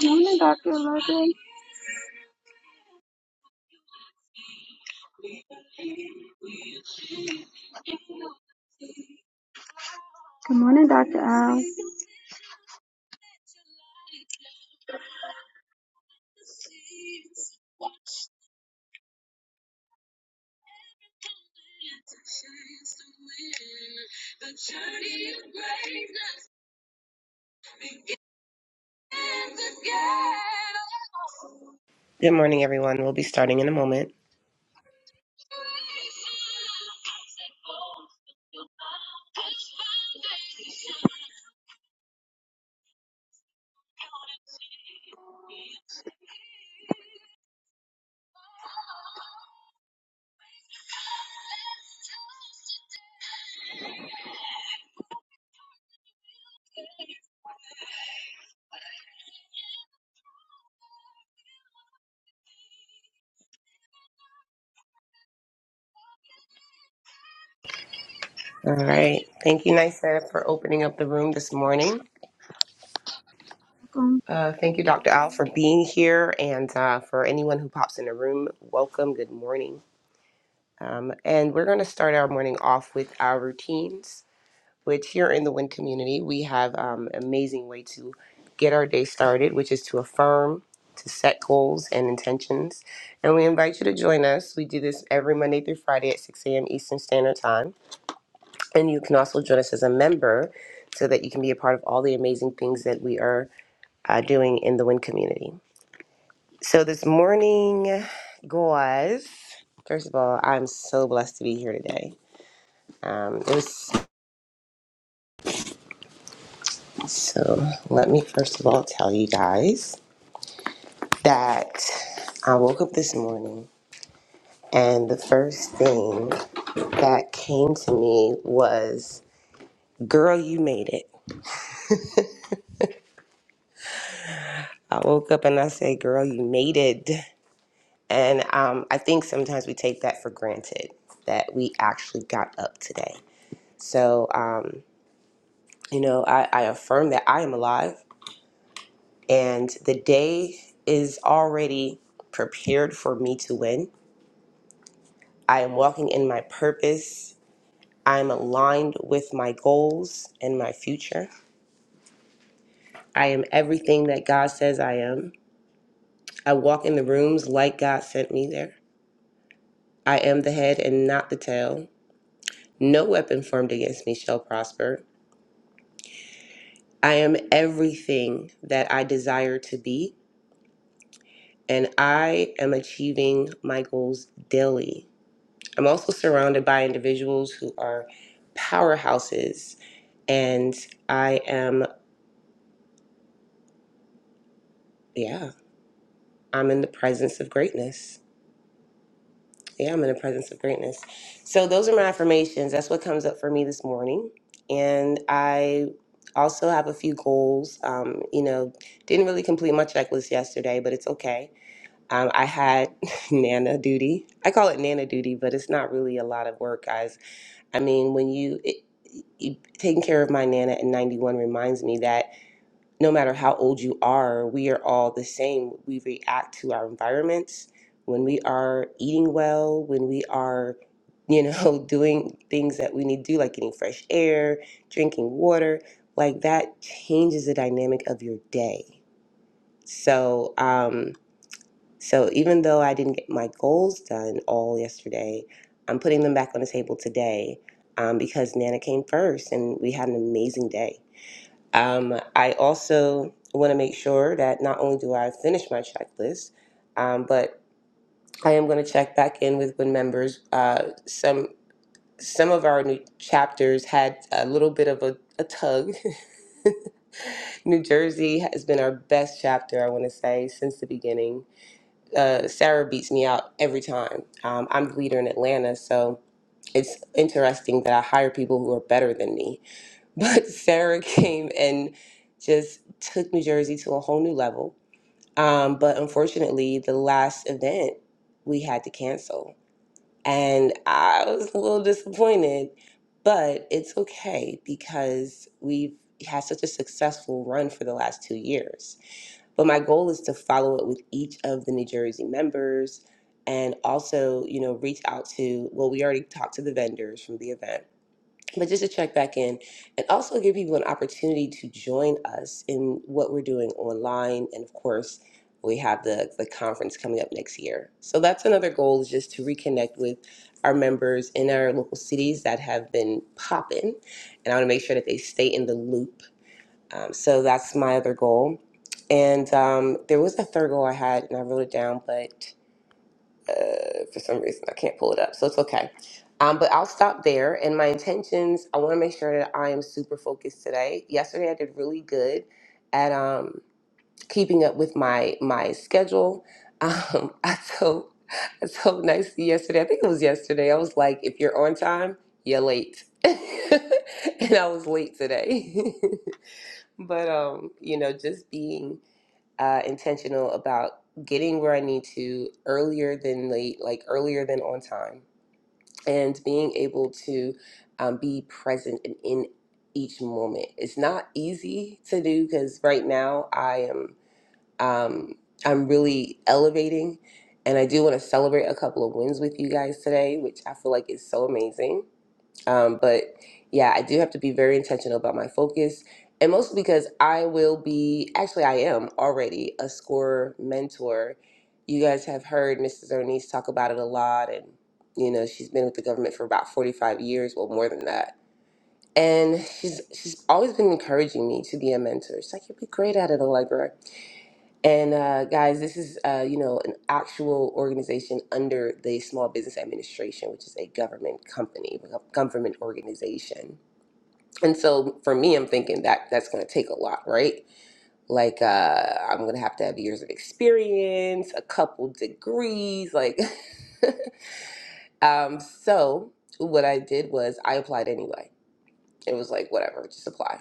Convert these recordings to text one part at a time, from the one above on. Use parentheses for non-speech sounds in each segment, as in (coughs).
Good morning, Dr. Logan. Good morning, Dr. Al. Good morning, everyone. We'll be starting in a moment. All right. Thank you, Nisa, for opening up the room this morning. Welcome. Uh, thank you, Dr. Al, for being here. And uh, for anyone who pops in the room, welcome. Good morning. Um, and we're going to start our morning off with our routines, which here in the WIN community, we have um, amazing way to get our day started, which is to affirm, to set goals and intentions. And we invite you to join us. We do this every Monday through Friday at 6 a.m. Eastern Standard Time. And you can also join us as a member so that you can be a part of all the amazing things that we are uh, doing in the WIN community. So, this morning, guys, first of all, I'm so blessed to be here today. Um, it was, so, let me first of all tell you guys that I woke up this morning and the first thing that came to me was, Girl, you made it. I woke up and I said, Girl, you made it. And um, I think sometimes we take that for granted that we actually got up today. So, um, you know, I, I affirm that I am alive and the day is already prepared for me to win. I am walking in my purpose. I am aligned with my goals and my future. I am everything that God says I am. I walk in the rooms like God sent me there. I am the head and not the tail. No weapon formed against me shall prosper. I am everything that I desire to be, and I am achieving my goals daily. I'm also surrounded by individuals who are powerhouses, and I am, yeah, I'm in the presence of greatness. Yeah, I'm in the presence of greatness. So, those are my affirmations. That's what comes up for me this morning. And I also have a few goals. Um, you know, didn't really complete my checklist yesterday, but it's okay Um, I had (laughs) Nana duty. I call it Nana duty, but it's not really a lot of work, guys. I mean, when you, it, you taking care of my Nana at 91 reminds me that no matter how old you are, we are all the same. We react to our environments. When we are eating well, when we are, you know, (laughs) doing things that we need to do, like getting fresh air, drinking water, like that changes the dynamic of your day. So, um, so even though I didn't get my goals done all yesterday, I'm putting them back on the table today um, because Nana came first and we had an amazing day. Um, I also want to make sure that not only do I finish my checklist, um, but I am going to check back in with when members. Uh, some some of our new chapters had a little bit of a, a tug (laughs) New Jersey has been our best chapter, I want to say, since the beginning uh, Sarah beats me out every time. Um, I'm the leader in Atlanta, so it's interesting that I hire people who are better than me. (laughs) But Sarah came and just took New Jersey to a whole new level. Um, but unfortunately, the last event we had to cancel, and I was a little disappointed. But it's okay because we've had such a successful run for the last two years but my goal is to follow up with each of the New Jersey members and also, you know, reach out to, well, we already talked to the vendors from the event, but just to check back in and also give people an opportunity to join us in what we're doing online. And of course, we have the, the conference coming up next year. So that's another goal is just to reconnect with our members in our local cities that have been popping. And I want to make sure that they stay in the loop um, so that's my other goal. And um, there was a third goal I had, and I wrote it down, but uh, for some reason I can't pull it up. So it's okay. Um, but I'll stop there. And my intentions, I want to make sure that I am super focused today. Yesterday I did really good at um, keeping up with my my schedule. Um, (laughs) I told I told Nice yesterday. I think it was yesterday. I was like, if you're on time, you're late. (laughs) and I was late today. (laughs) But um, you know, just being uh, intentional about getting where I need to earlier than late, like earlier than on time, and being able to um, be present and in each moment. It's not easy to do because right now I am um, I'm really elevating, and I do want to celebrate a couple of wins with you guys today, which I feel like is so amazing um, but yeah, I do have to be very intentional about my focus, and mostly because I will be actually, I am already a score mentor. You guys have heard Mrs. Ernest talk about it a lot, and you know she's been with the government for about forty-five years, well, more than that. And she's she's always been encouraging me to be a mentor. She's like, "You'll be great at it, Allegra." And uh, guys, this is uh, you know an actual organization under the Small Business Administration, which is a government company, a government organization. And so for me, I'm thinking that that's going to take a lot, right? Like uh, I'm going to have to have years of experience, a couple degrees, like. (laughs) um, so what I did was I applied anyway. It was like whatever, just apply.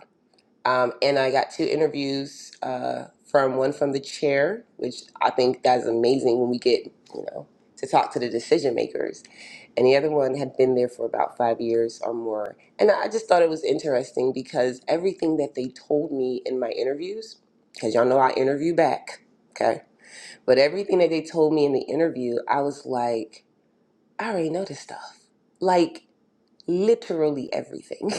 Um, and I got two interviews uh, from one from the chair, which I think that's amazing when we get, you know, to talk to the decision makers. And the other one had been there for about five years or more. And I just thought it was interesting because everything that they told me in my interviews, because y'all know I interview back, okay? But everything that they told me in the interview, I was like, I already know this stuff. Like, literally everything. (laughs)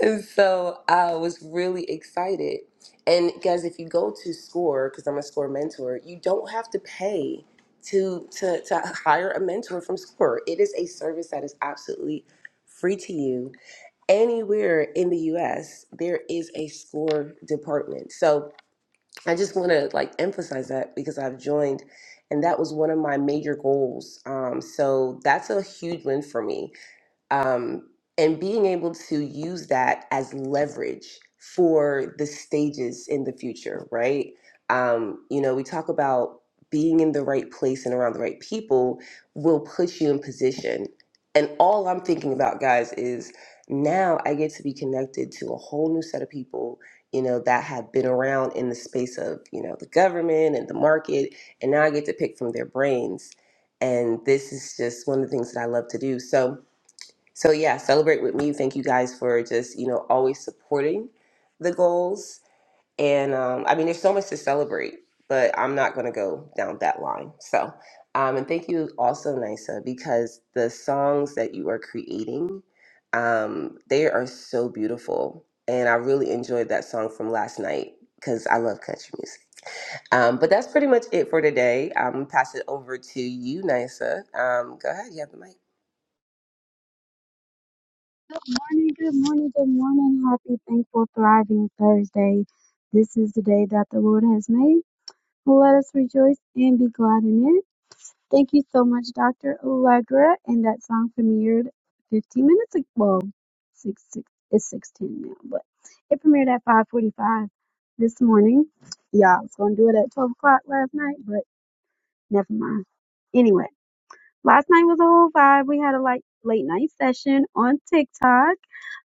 And so I was really excited. And guys, if you go to SCORE, because I'm a SCORE mentor, you don't have to pay to, to, to hire a mentor from SCORE. It is a service that is absolutely free to you. Anywhere in the US, there is a SCORE department. So I just want to like emphasize that because I've joined and that was one of my major goals. Um, so that's a huge win for me um, and being able to use that as leverage for the stages in the future, right? Um, you know, we talk about being in the right place and around the right people will put you in position. And all I'm thinking about, guys, is now I get to be connected to a whole new set of people, you know, that have been around in the space of, you know, the government and the market. And now I get to pick from their brains. And this is just one of the things that I love to do. So, so yeah, celebrate with me. Thank you guys for just you know always supporting the goals. And um, I mean, there's so much to celebrate, but I'm not going to go down that line. So, um, and thank you also, Nisa, because the songs that you are creating, um, they are so beautiful, and I really enjoyed that song from last night because I love country music. Um, but that's pretty much it for today. I'm gonna pass it over to you, Nisa. Um, go ahead, you have the mic. Good morning, good morning, good morning. Happy, thankful, thriving Thursday. This is the day that the Lord has made. Let us rejoice and be glad in it. Thank you so much, Dr. Allegra. And that song premiered 15 minutes ago. Well, six, six, it's 6.10 now, but it premiered at 5.45 this morning. Y'all was going to do it at 12 o'clock last night, but never mind. Anyway, last night was a whole vibe. We had a like late night session on TikTok.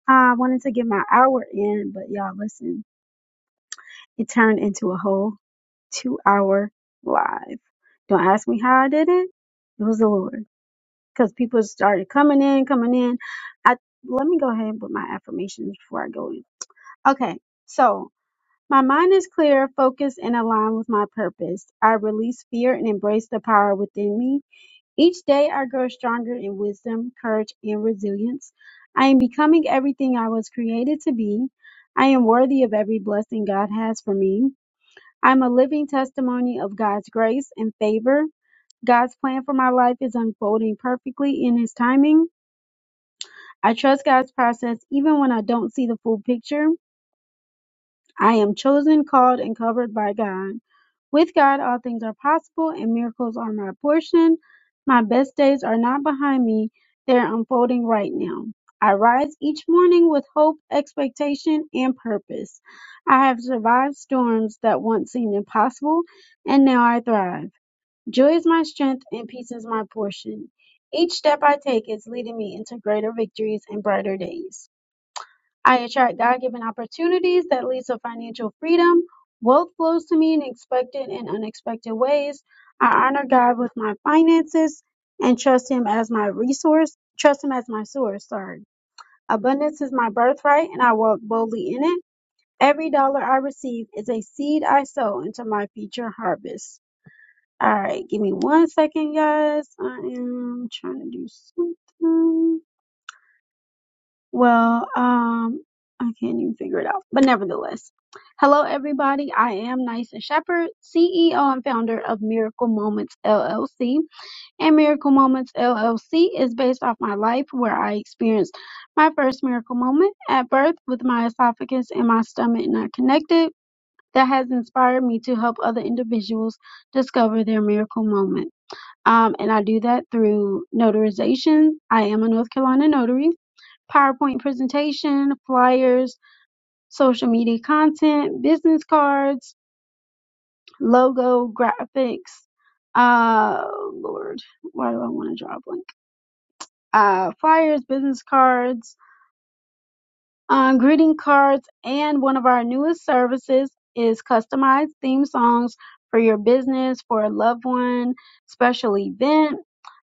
I wanted to get my hour in, but y'all, listen, it turned into a whole two hour live. Don't ask me how I did it. It was the Lord because people started coming in, coming in. I let me go ahead with my affirmations before I go in. Okay, so my mind is clear, focused, and aligned with my purpose. I release fear and embrace the power within me. Each day I grow stronger in wisdom, courage, and resilience. I am becoming everything I was created to be. I am worthy of every blessing God has for me. I'm a living testimony of God's grace and favor. God's plan for my life is unfolding perfectly in His timing. I trust God's process even when I don't see the full picture. I am chosen, called, and covered by God. With God, all things are possible and miracles are my portion. My best days are not behind me, they are unfolding right now. I rise each morning with hope, expectation, and purpose. I have survived storms that once seemed impossible, and now I thrive. Joy is my strength, and peace is my portion. Each step I take is leading me into greater victories and brighter days. I attract God-given opportunities that leads to financial freedom. Wealth flows to me in expected and unexpected ways. I honor God with my finances and trust him as my resource, trust him as my source, sorry. Abundance is my birthright and I walk boldly in it. Every dollar I receive is a seed I sow into my future harvest. All right, give me one second, guys. I am trying to do something. Well, um, I can't even figure it out. But nevertheless, hello everybody. I am Nysa Shepherd, CEO and founder of Miracle Moments LLC. And Miracle Moments LLC is based off my life where I experienced my first miracle moment at birth with my esophagus and my stomach not connected. That has inspired me to help other individuals discover their miracle moment. Um, and I do that through notarization. I am a North Carolina notary PowerPoint presentation, flyers, social media content, business cards, logo, graphics. Uh, Lord, why do I want to draw a blank? Uh, flyers, business cards, um, greeting cards, and one of our newest services is customized theme songs for your business, for a loved one, special event.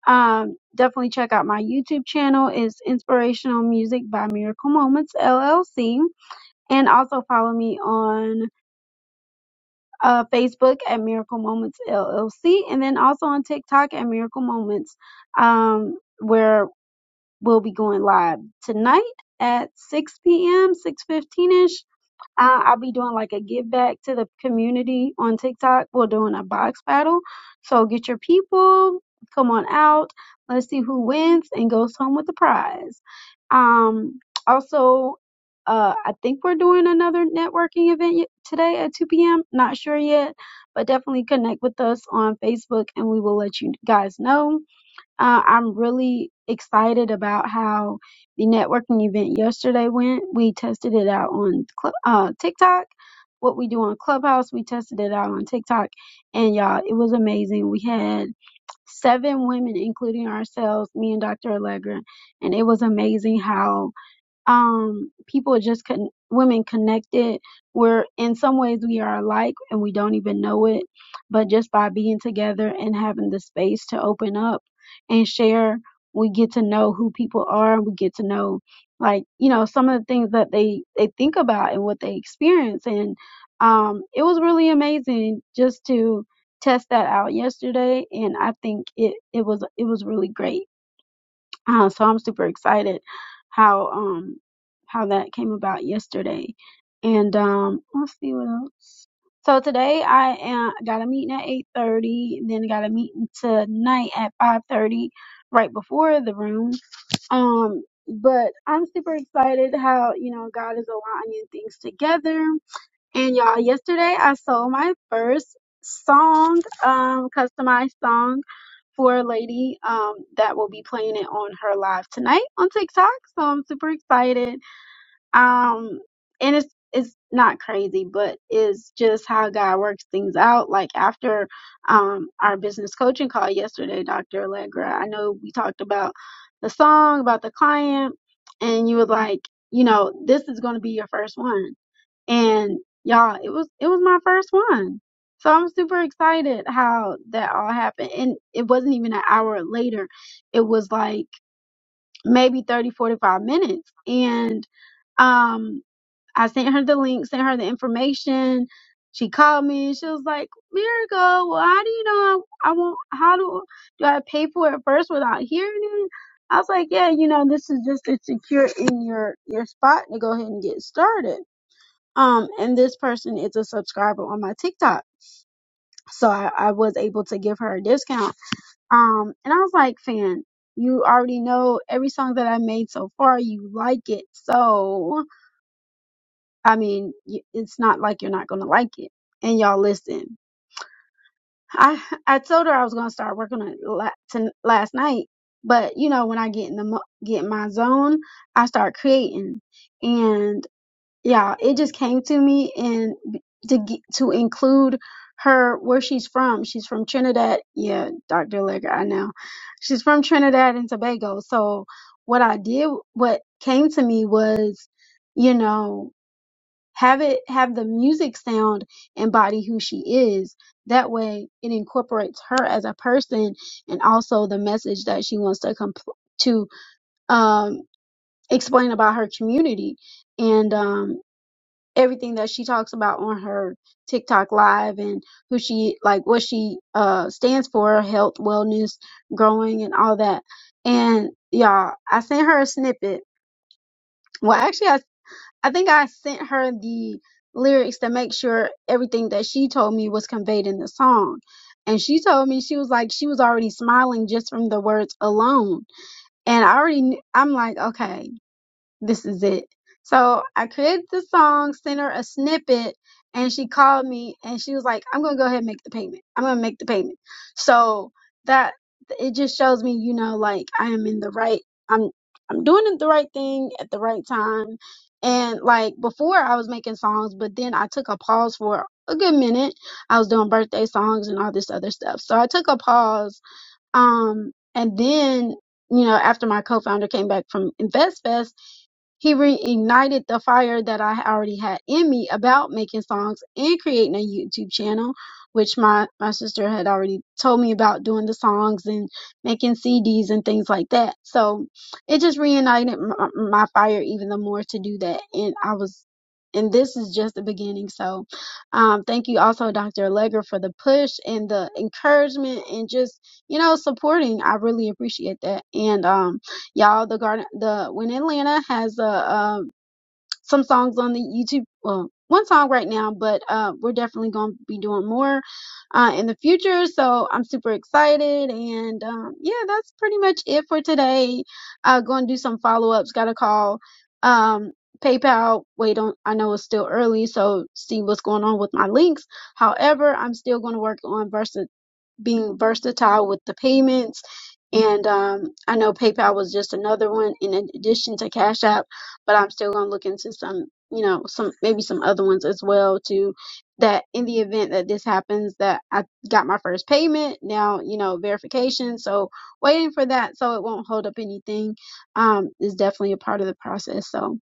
Um, definitely check out my YouTube channel. It's Inspirational Music by Miracle Moments LLC and also follow me on uh, Facebook at Miracle Moments LLC, and then also on TikTok at Miracle Moments, um, where we'll be going live tonight at 6 p.m., 6:15 ish, I, I'll be doing like a give back to the community on TikTok. We're doing a box battle. So get your people, come on out. Let's see who wins and goes home with the prize. Um, also, uh, I think we're doing another networking event y- today at 2 p.m. Not sure yet, but definitely connect with us on Facebook and we will let you guys know. Uh, I'm really excited about how the networking event yesterday went. We tested it out on Cl- uh, TikTok. What we do on Clubhouse, we tested it out on TikTok. And y'all, it was amazing. We had seven women, including ourselves, me and Dr. Allegra. And it was amazing how um people just con- women connected we're in some ways we are alike and we don't even know it but just by being together and having the space to open up and share we get to know who people are we get to know like you know some of the things that they they think about and what they experience and um it was really amazing just to test that out yesterday and i think it it was it was really great uh, so I'm super excited how um how that came about yesterday. And um let's see what else. So today I am, got a meeting at 8:30, then got a meeting tonight at 5:30 right before the room. Um but I'm super excited how, you know, God is aligning things together. And y'all, yesterday I sold my first song, um customized song for a lady um, that will be playing it on her live tonight on TikTok. So I'm super excited. Um, and it's it's not crazy, but it's just how God works things out. Like after um, our business coaching call yesterday, Dr. Allegra, I know we talked about the song, about the client, and you were like, you know, this is going to be your first one and y'all it was it was my first one so i'm super excited how that all happened and it wasn't even an hour later it was like maybe 30 45 minutes and um i sent her the link sent her the information she called me and she was like miracle well how do you know i, I won't how do do i pay for it first without hearing it i was like yeah you know this is just to secure in your your spot to go ahead and get started um, and this person is a subscriber on my TikTok. So I, I was able to give her a discount. Um, and I was like, fan, you already know every song that I made so far, you like it. So, I mean, y- it's not like you're not going to like it. And y'all listen. I, I told her I was going to start working on it la- to, last night. But you know, when I get in the, mo- get in my zone, I start creating. and. yeah, it just came to me and b- to g- to include her where she's from. She's from Trinidad. Yeah, Dr. Legger, I know. She's from Trinidad and Tobago. So what I did, what came to me was, you know, have it have the music sound embody who she is. That way, it incorporates her as a person and also the message that she wants to compl- to um, explain about her community. And um, everything that she talks about on her TikTok live and who she like what she uh stands for, health, wellness, growing and all that. And y'all, I sent her a snippet. Well, actually I I think I sent her the lyrics to make sure everything that she told me was conveyed in the song. And she told me she was like she was already smiling just from the words alone. And I already knew, I'm like, okay, this is it. So I created the song, sent her a snippet, and she called me and she was like, I'm gonna go ahead and make the payment. I'm gonna make the payment. So that it just shows me, you know, like I am in the right I'm I'm doing it the right thing at the right time. And like before I was making songs, but then I took a pause for a good minute. I was doing birthday songs and all this other stuff. So I took a pause. Um and then, you know, after my co founder came back from InvestFest he reignited the fire that I already had in me about making songs and creating a YouTube channel, which my, my sister had already told me about doing the songs and making CDs and things like that. So it just reignited my, my fire even the more to do that. And I was, and this is just the beginning. So um, thank you also, Dr. Allegra, for the push and the encouragement and just, you know, supporting. I really appreciate that. And, um, y'all the garden the when atlanta has uh, um some songs on the youtube well one song right now but uh we're definitely going to be doing more uh in the future so i'm super excited and um yeah that's pretty much it for today uh going to do some follow-ups gotta call um paypal wait on i know it's still early so see what's going on with my links however i'm still going to work on versa being versatile with the payments. And um, I know PayPal was just another one in addition to Cash App, but I'm still gonna look into some, you know, some maybe some other ones as well too. That in the event that this happens, that I got my first payment now, you know, verification. So waiting for that, so it won't hold up anything, um, is definitely a part of the process. So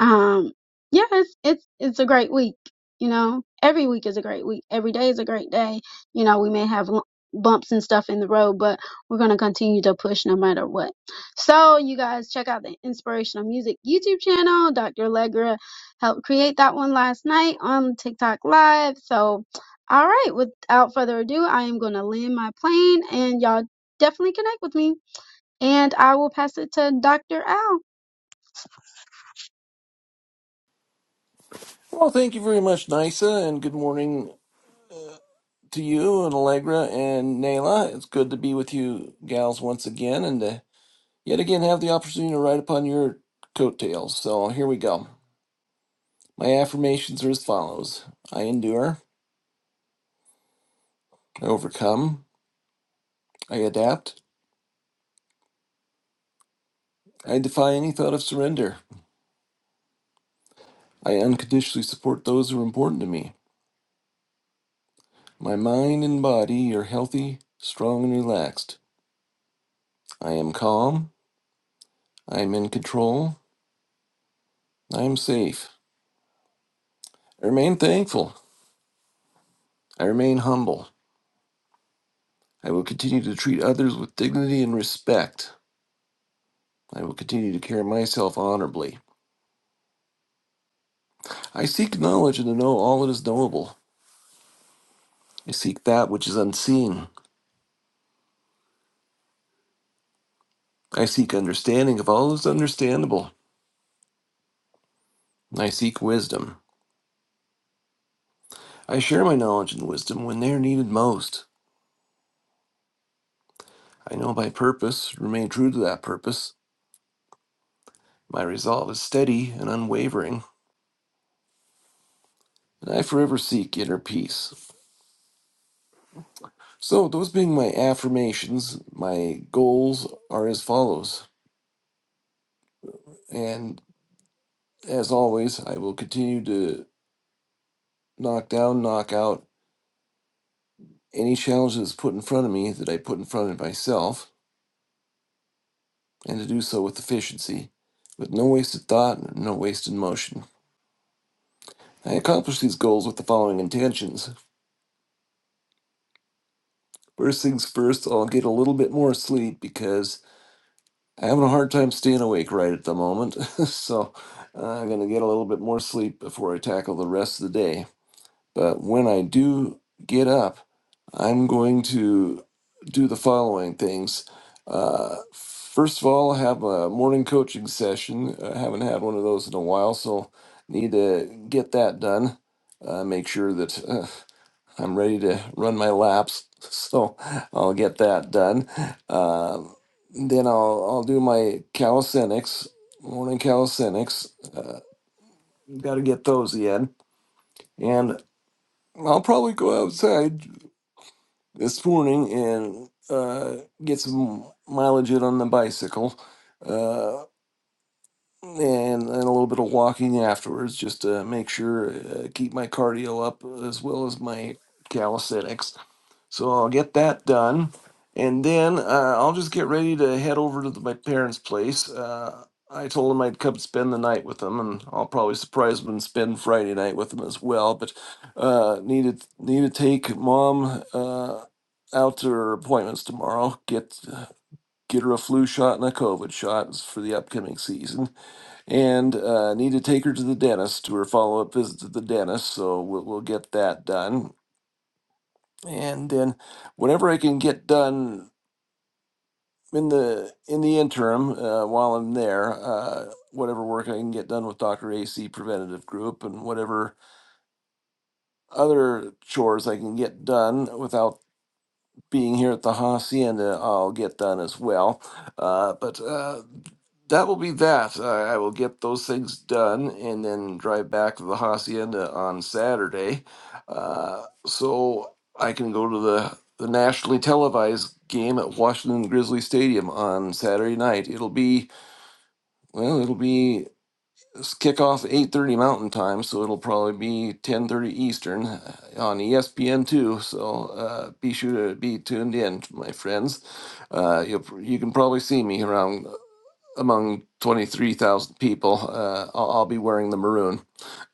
um, yeah, it's it's it's a great week. You know, every week is a great week. Every day is a great day. You know, we may have l- bumps and stuff in the road, but we're gonna continue to push no matter what. So you guys check out the Inspirational Music YouTube channel. Dr. Allegra helped create that one last night on TikTok Live. So, all right, without further ado, I am gonna land my plane, and y'all definitely connect with me. And I will pass it to Dr. Al. Well, thank you very much, Nisa, and good morning to you and Allegra and Nayla. It's good to be with you gals once again and to yet again have the opportunity to ride upon your coattails. So here we go. My affirmations are as follows I endure, I overcome, I adapt, I defy any thought of surrender, I unconditionally support those who are important to me. My mind and body are healthy, strong, and relaxed. I am calm, I am in control, I am safe. I remain thankful. I remain humble. I will continue to treat others with dignity and respect. I will continue to carry myself honorably. I seek knowledge and to know all that is knowable. I seek that which is unseen. I seek understanding of all that is understandable. I seek wisdom. I share my knowledge and wisdom when they are needed most. I know my purpose, remain true to that purpose. My resolve is steady and unwavering, and I forever seek inner peace. So, those being my affirmations, my goals are as follows. And as always, I will continue to knock down, knock out any challenge that's put in front of me that I put in front of myself, and to do so with efficiency, with no wasted thought no wasted motion. I accomplish these goals with the following intentions. First things first, I'll get a little bit more sleep because I'm having a hard time staying awake right at the moment. (laughs) so, uh, I'm going to get a little bit more sleep before I tackle the rest of the day. But when I do get up, I'm going to do the following things. Uh, first of all, I have a morning coaching session. I haven't had one of those in a while, so need to get that done. Uh, make sure that uh, I'm ready to run my laps, (laughs) so I'll get that done. Uh, then I'll I'll do my calisthenics, morning calisthenics. Uh, Got to get those in, and I'll probably go outside this morning and uh, get some mileage in on the bicycle uh, and, and a little bit of walking afterwards just to make sure uh, keep my cardio up as well as my calisthenics so I'll get that done. And then uh, I'll just get ready to head over to the, my parents' place. Uh, I told them I'd come spend the night with them, and I'll probably surprise them and spend Friday night with them as well. But uh, need to need to take mom uh, out to her appointments tomorrow. Get get her a flu shot and a COVID shot for the upcoming season, and uh, need to take her to the dentist to her follow up visit to the dentist. So we'll we'll get that done and then whatever I can get done in the in the interim uh, while I'm there, uh, whatever work I can get done with Doctor AC Preventative Group, and whatever other chores I can get done without being here at the hacienda i'll get done as well uh, but uh, that will be that uh, i will get those things done and then drive back to the hacienda on saturday uh, so i can go to the the nationally televised game at washington grizzly stadium on saturday night it'll be well it'll be s- kickoff 8.30 mountain time so it'll probably be 10.30 eastern uh, on espn 2 so uh, be sure to be tuned in my friends uh, you you can probably see me around uh, among 23000 people uh, I'll, I'll be wearing the maroon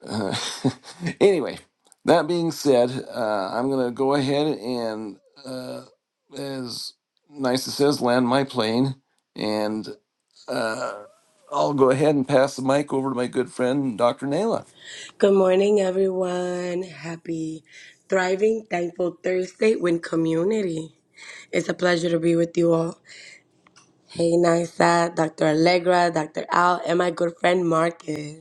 Uh, (laughs) anyway that being said uh, i'm going to go ahead and uh, as nice as says land my plane and. Uh, I'll go ahead and pass the mic over to my good friend, Dr. Naila. Good morning, everyone. Happy Thriving Thankful Thursday with community. It's a pleasure to be with you all. Hey, Nisa, Dr. Allegra, Dr. Al, and my good friend Marcus.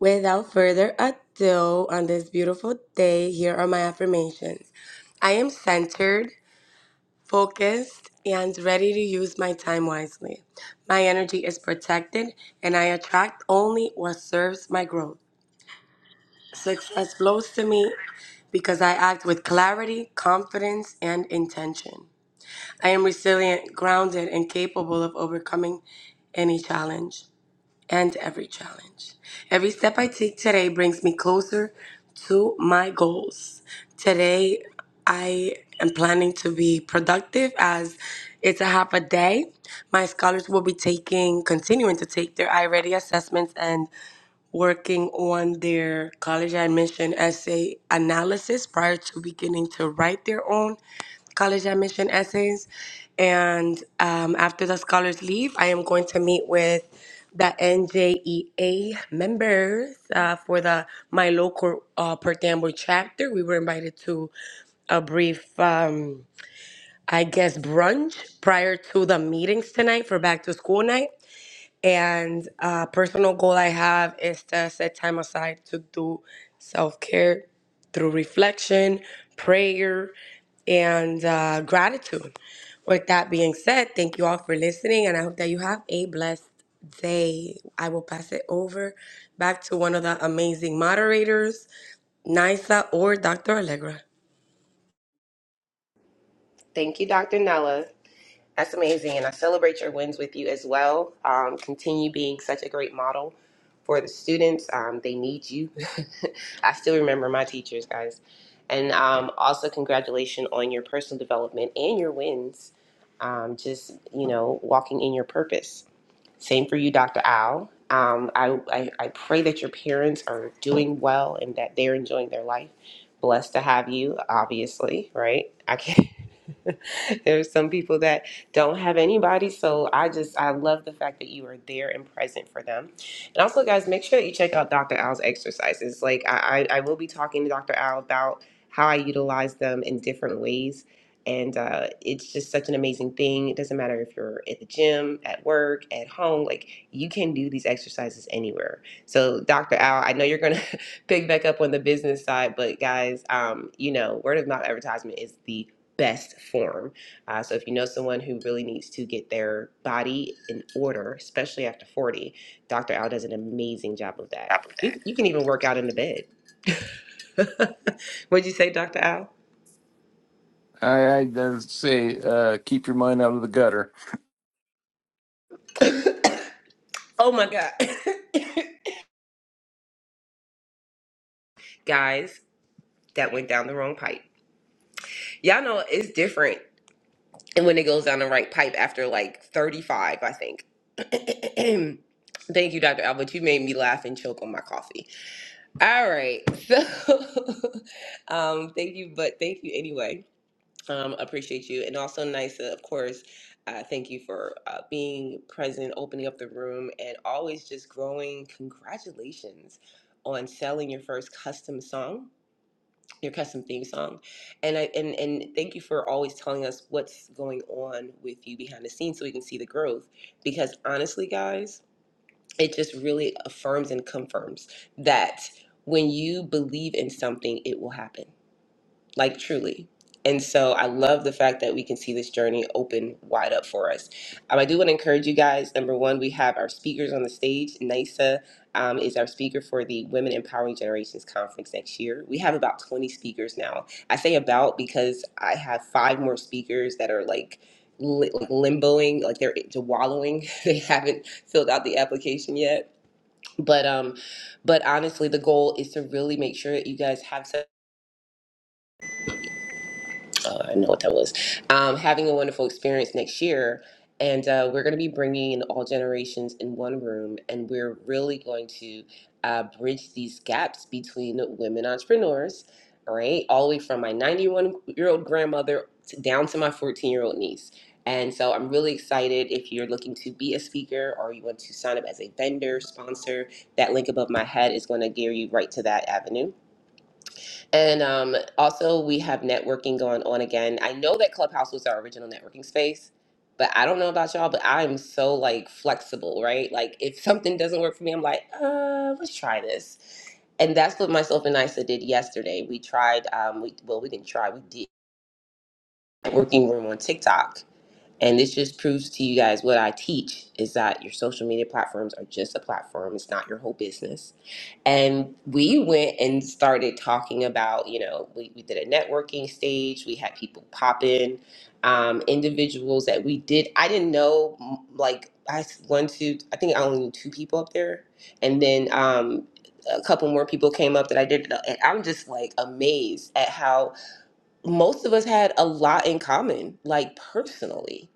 Without further ado, on this beautiful day, here are my affirmations. I am centered, focused, and ready to use my time wisely. My energy is protected, and I attract only what serves my growth. Success flows to me because I act with clarity, confidence, and intention. I am resilient, grounded, and capable of overcoming any challenge and every challenge. Every step I take today brings me closer to my goals. Today, I am planning to be productive as it's a half a day. My scholars will be taking, continuing to take their iReady assessments, and working on their college admission essay analysis prior to beginning to write their own college admission essays. And um, after the scholars leave, I am going to meet with the NJEA members uh, for the my local uh, Perth Amboy chapter. We were invited to a brief, um, I guess, brunch prior to the meetings tonight for back to school night. And a personal goal I have is to set time aside to do self care through reflection, prayer, and uh, gratitude. With that being said, thank you all for listening, and I hope that you have a blessed day. I will pass it over back to one of the amazing moderators, Nisa or Dr. Allegra. Thank you, Dr. Nella. That's amazing. And I celebrate your wins with you as well. Um, continue being such a great model for the students. Um, they need you. (laughs) I still remember my teachers, guys. And um, also, congratulations on your personal development and your wins. Um, just, you know, walking in your purpose. Same for you, Dr. Al. Um, I, I, I pray that your parents are doing well and that they're enjoying their life. Blessed to have you, obviously, right? I can't. (laughs) There's some people that don't have anybody, so I just I love the fact that you are there and present for them. And also, guys, make sure that you check out Dr. Al's exercises. Like I, I I will be talking to Dr. Al about how I utilize them in different ways and uh, it's just such an amazing thing. It doesn't matter if you're at the gym, at work, at home, like you can do these exercises anywhere. So, Dr. Al, I know you're going (laughs) to pick back up on the business side, but guys, um, you know, word of mouth advertisement is the best form. Uh, so, if you know someone who really needs to get their body in order, especially after 40, Dr. Al does an amazing job of that. You, you can even work out in the bed. (laughs) What'd you say, Dr. Al? I, I, I say, uh, keep your mind out of the gutter. Oh my God. (coughs) (laughs) guys that went down the wrong pipe. Y'all know it's different when it goes down the right pipe after like 35, I think. (clears throat) Thank you, Dr. Albert. You made me laugh and choke on my coffee. All right. So (laughs) um thank you, but thank you anyway. Um, appreciate you. And also Nisa, of course, uh, thank you for uh, being present, opening up the room, and always just growing. Congratulations on selling your first custom song your custom theme song and i and and thank you for always telling us what's going on with you behind the scenes so we can see the growth because honestly guys it just really affirms and confirms that when you believe in something it will happen like truly. And so I love the fact that we can see this journey open wide up for us. Um, I do want to encourage you guys. Number one, we have our speakers on the stage. NISA um, is our speaker for the Women Empowering Generations Conference next year. We have about 20 speakers now. I say about because I have five more speakers that are like, li- like limboing, like they're wallowing. (laughs) they haven't filled out the application yet. But um, but honestly, the goal is to really make sure that you guys have some. uh, I know what that was. Um, having a wonderful experience next year. And uh, we're going to be bringing in all generations in one room. And we're really going to uh, bridge these gaps between women entrepreneurs, all right? All the way from my 91 year old grandmother to, down to my 14 year old niece. And so I'm really excited if you're looking to be a speaker or you want to sign up as a vendor, sponsor, that link above my head is going to gear you right to that avenue. And um, also, we have networking going on again. I know that Clubhouse was our original networking space, but I don't know about y'all, but I'm so like flexible, right? Like, if something doesn't work for me, I'm like, uh, let's try this. And that's what myself and Nisa did yesterday. We tried, um, we well, we didn't try, we did a working room on TikTok and this just proves to you guys what I teach is that your social media platforms are just a platform. It's not your whole business. And we went and started talking about, you know, we, we did a networking stage. We had people pop in, um, individuals that we did. I didn't know, m- like, I s- one, two, I think I only knew two people up there. And then um, a couple more people came up that I did. And I'm just like amazed at how most of us had a lot in common, like personally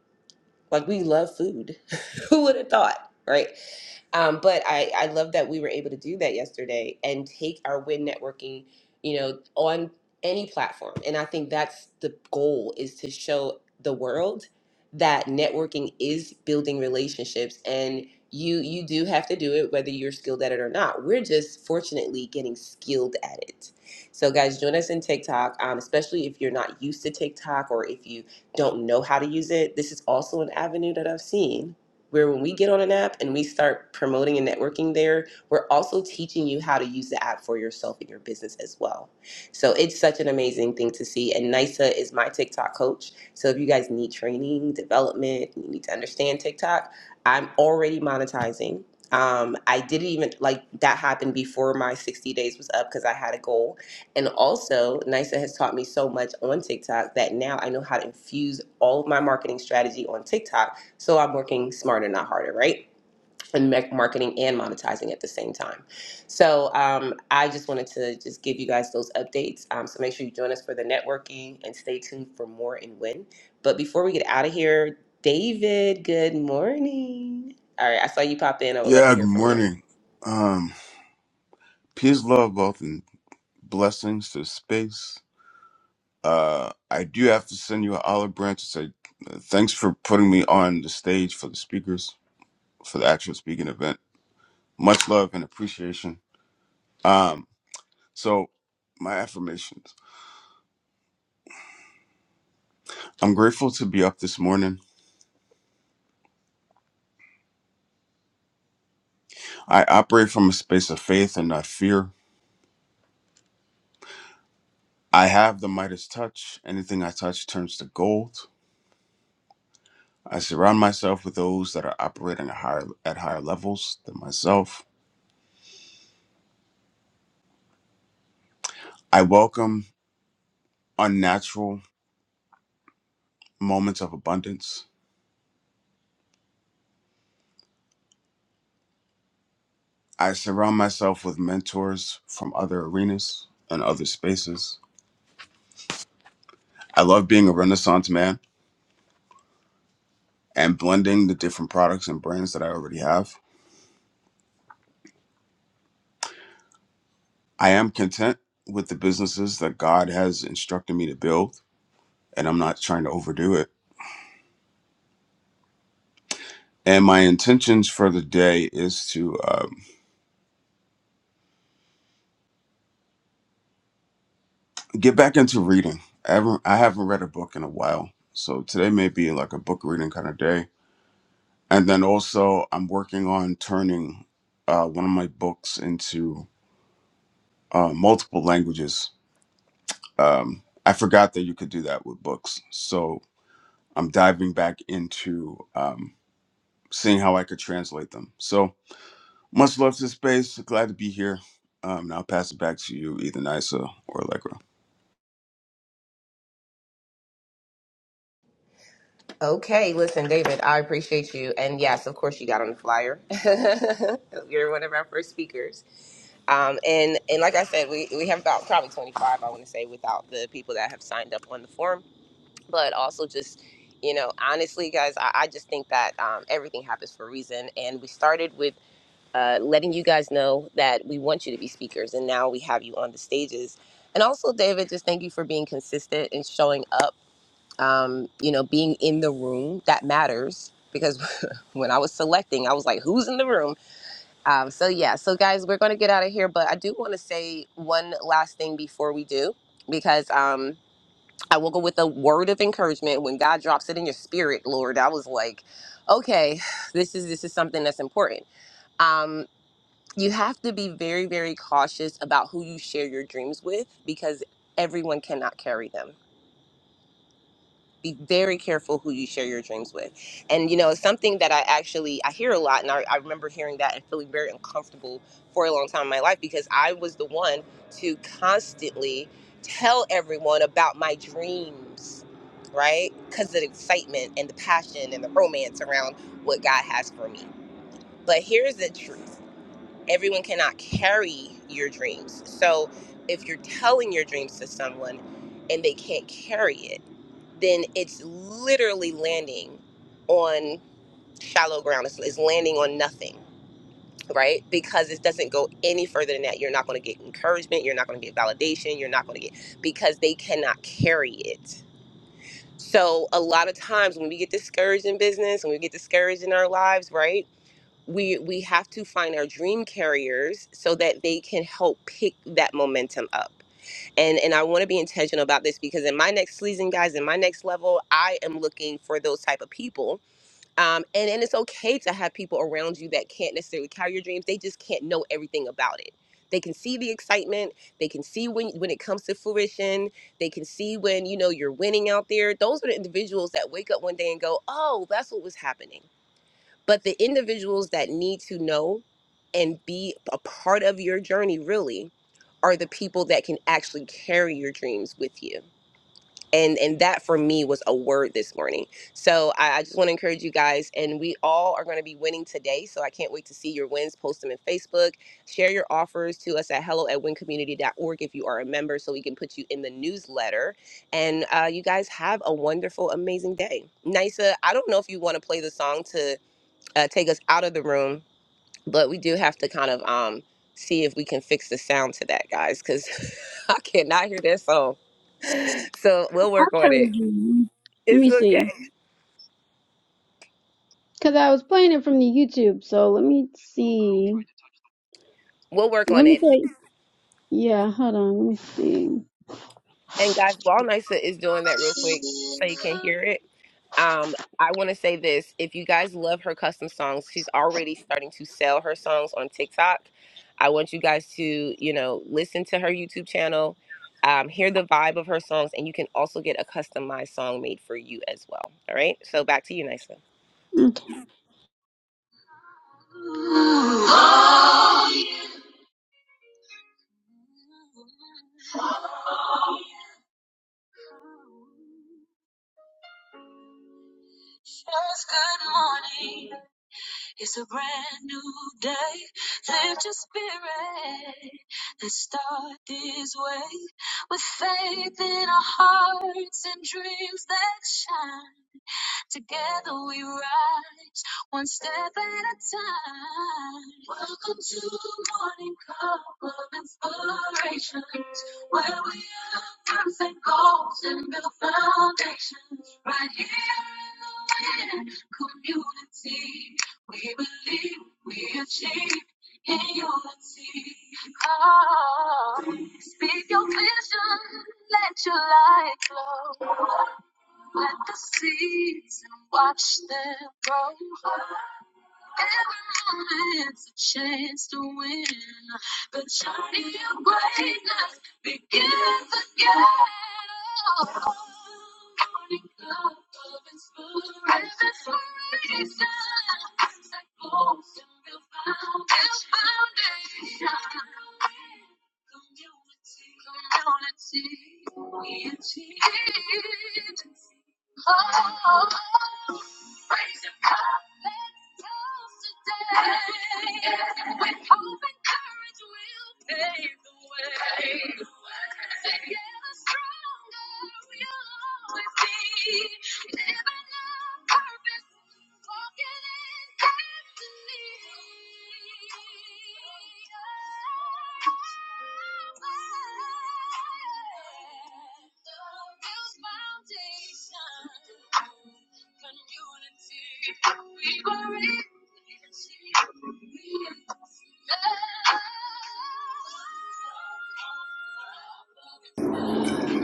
like we love food. (laughs) Who would have thought, right? Um, but I, I love that we were able to do that yesterday and take our win networking, you know, on any platform. And I think that's the goal is to show the world that networking is building relationships and you you do have to do it whether you're skilled at it or not. We're just fortunately getting skilled at it. So guys, join us in TikTok, um, especially if you're not used to TikTok or if you don't know how to use it. This is also an avenue that I've seen where when we get on an app and we start promoting and networking there, we're also teaching you how to use the app for yourself and your business as well. So it's such an amazing thing to see. And NISA is my TikTok coach. So if you guys need training, development, you need to understand TikTok, I'm already monetizing. Um, I didn't even like that happened before my 60 days was up because I had a goal. And also, NISA has taught me so much on TikTok that now I know how to infuse all of my marketing strategy on TikTok so I'm working smarter, not harder, right? And marketing and monetizing at the same time. So um, I just wanted to just give you guys those updates. Um, so make sure you join us for the networking and stay tuned for more and when. But before we get out of here, David, good morning. All right, I saw you pop in. I would love to Yeah, good hear from you. morning. Um, peace, love, wealth, and blessings to space. Uh, I do have to send you an olive branch to say uh, thanks for putting me on the stage for the speakers for the actual speaking event. Much love and appreciation. Um, so my affirmations. I'm grateful to be up this morning. I operate from a space of faith and not fear. I have the Midas touch. Anything I touch turns to gold. I surround myself with those that are operating at higher, at higher levels than myself. I welcome unnatural moments of abundance. I surround myself with mentors from other arenas and other spaces. I love being a renaissance man and blending the different products and brands that I already have. I am content with the businesses that God has instructed me to build, and I'm not trying to overdo it. And my intentions for the day is to. Um, get back into reading. I haven't I haven't read a book in a while, so today may be like a book reading kind of day. And then also, I'm working on turning uh, one of my books into uh, multiple languages. Um, I forgot that you could do that with books, so I'm diving back into um, seeing how I could translate them. So much love to space. Glad to be here. Um, now I'll pass it back to you, either Nisa or Allegra. Okay, listen, David, I appreciate you. And yes, of course, you got on the flyer. (laughs) You're one of our first speakers. Um, and, and like I said, we, we have about probably 25, I want to say, without the people that have signed up on the forum. But also, just, you know, honestly, guys, I, I just think that um, everything happens for a reason. And we started with uh, letting you guys know that we want you to be speakers. And now we have you on the stages. And also, David, just thank you for being consistent and showing up um, you know, being in the room that matters because (laughs) when I was selecting, I was like, who's in the room? Um, so, yeah, so guys, we're going to get out of here, but I do want to say one last thing before we do because um, I will go with a word of encouragement when God drops it in your spirit, Lord. I was like, okay, (sighs) this is this is something that's important. Um, you have to be very, very cautious about who you share your dreams with because everyone cannot carry them be very careful who you share your dreams with. And you know, it's something that I actually I hear a lot, and I, I remember hearing that and feeling very uncomfortable for a long time in my life because I was the one to constantly tell everyone about my dreams, right? Because of the excitement and the passion and the romance around what God has for me. But here's the truth everyone cannot carry your dreams. So if you're telling your dreams to someone and they can't carry it, then it's literally landing on shallow ground. It's, it's landing on nothing, right? Because it doesn't go any further than that. You're not going to get encouragement. You're not going to get validation. You're not going to get, because they cannot carry it. So a lot of times when we get discouraged in business when we get discouraged in our lives, right? we we have to find our dream carriers so that they can help pick that momentum up and and i want to be intentional about this because in my next season guys in my next level i am looking for those type of people um, and and it's okay to have people around you that can't necessarily carry your dreams they just can't know everything about it they can see the excitement they can see when when it comes to fruition they can see when you know you're winning out there those are the individuals that wake up one day and go oh that's what was happening but the individuals that need to know and be a part of your journey really are the people that can actually carry your dreams with you. And and that for me was a word this morning. So I, I just want to encourage you guys, and we all are going to be winning today. So I can't wait to see your wins. Post them in Facebook. Share your offers to us at hello at wincommunity.org if you are a member, so we can put you in the newsletter. And uh, you guys have a wonderful, amazing day. Nisa, I don't know if you want to play the song to uh, take us out of the room, but we do have to kind of um, see if we can fix the sound to that, guys, because (laughs) I cannot hear that song. So we'll I'll work try on it it. again. Let It's me okay. see. Cause I was playing it from the YouTube, so let me see. We'll work Let on me it. see. Yeah, hold on. Let me see. And guys, Wall Nysa is doing that real quick so you can hear it. Um, I want to say this: if you guys love her custom songs, she's already starting to sell her songs on TikTok. I want you guys to, you know, listen to her YouTube channel, um, hear the vibe of her songs, and you can also get a customized song made for you as well. All right. So back to you, Nisa. Okay.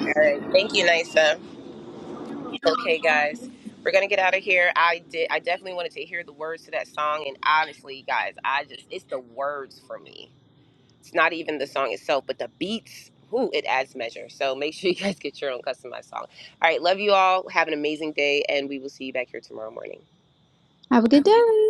All right. Thank you, Nisa. Okay, guys, we're gonna get out of here. I did. I definitely wanted to hear the words to that song, and honestly, guys, I just it's the words for me. It's not even the song itself, but the beats. Who it adds measure. So make sure you guys get your own customized song. All right, love you all. Have an amazing day, and we will see you back here tomorrow morning. Have a good day.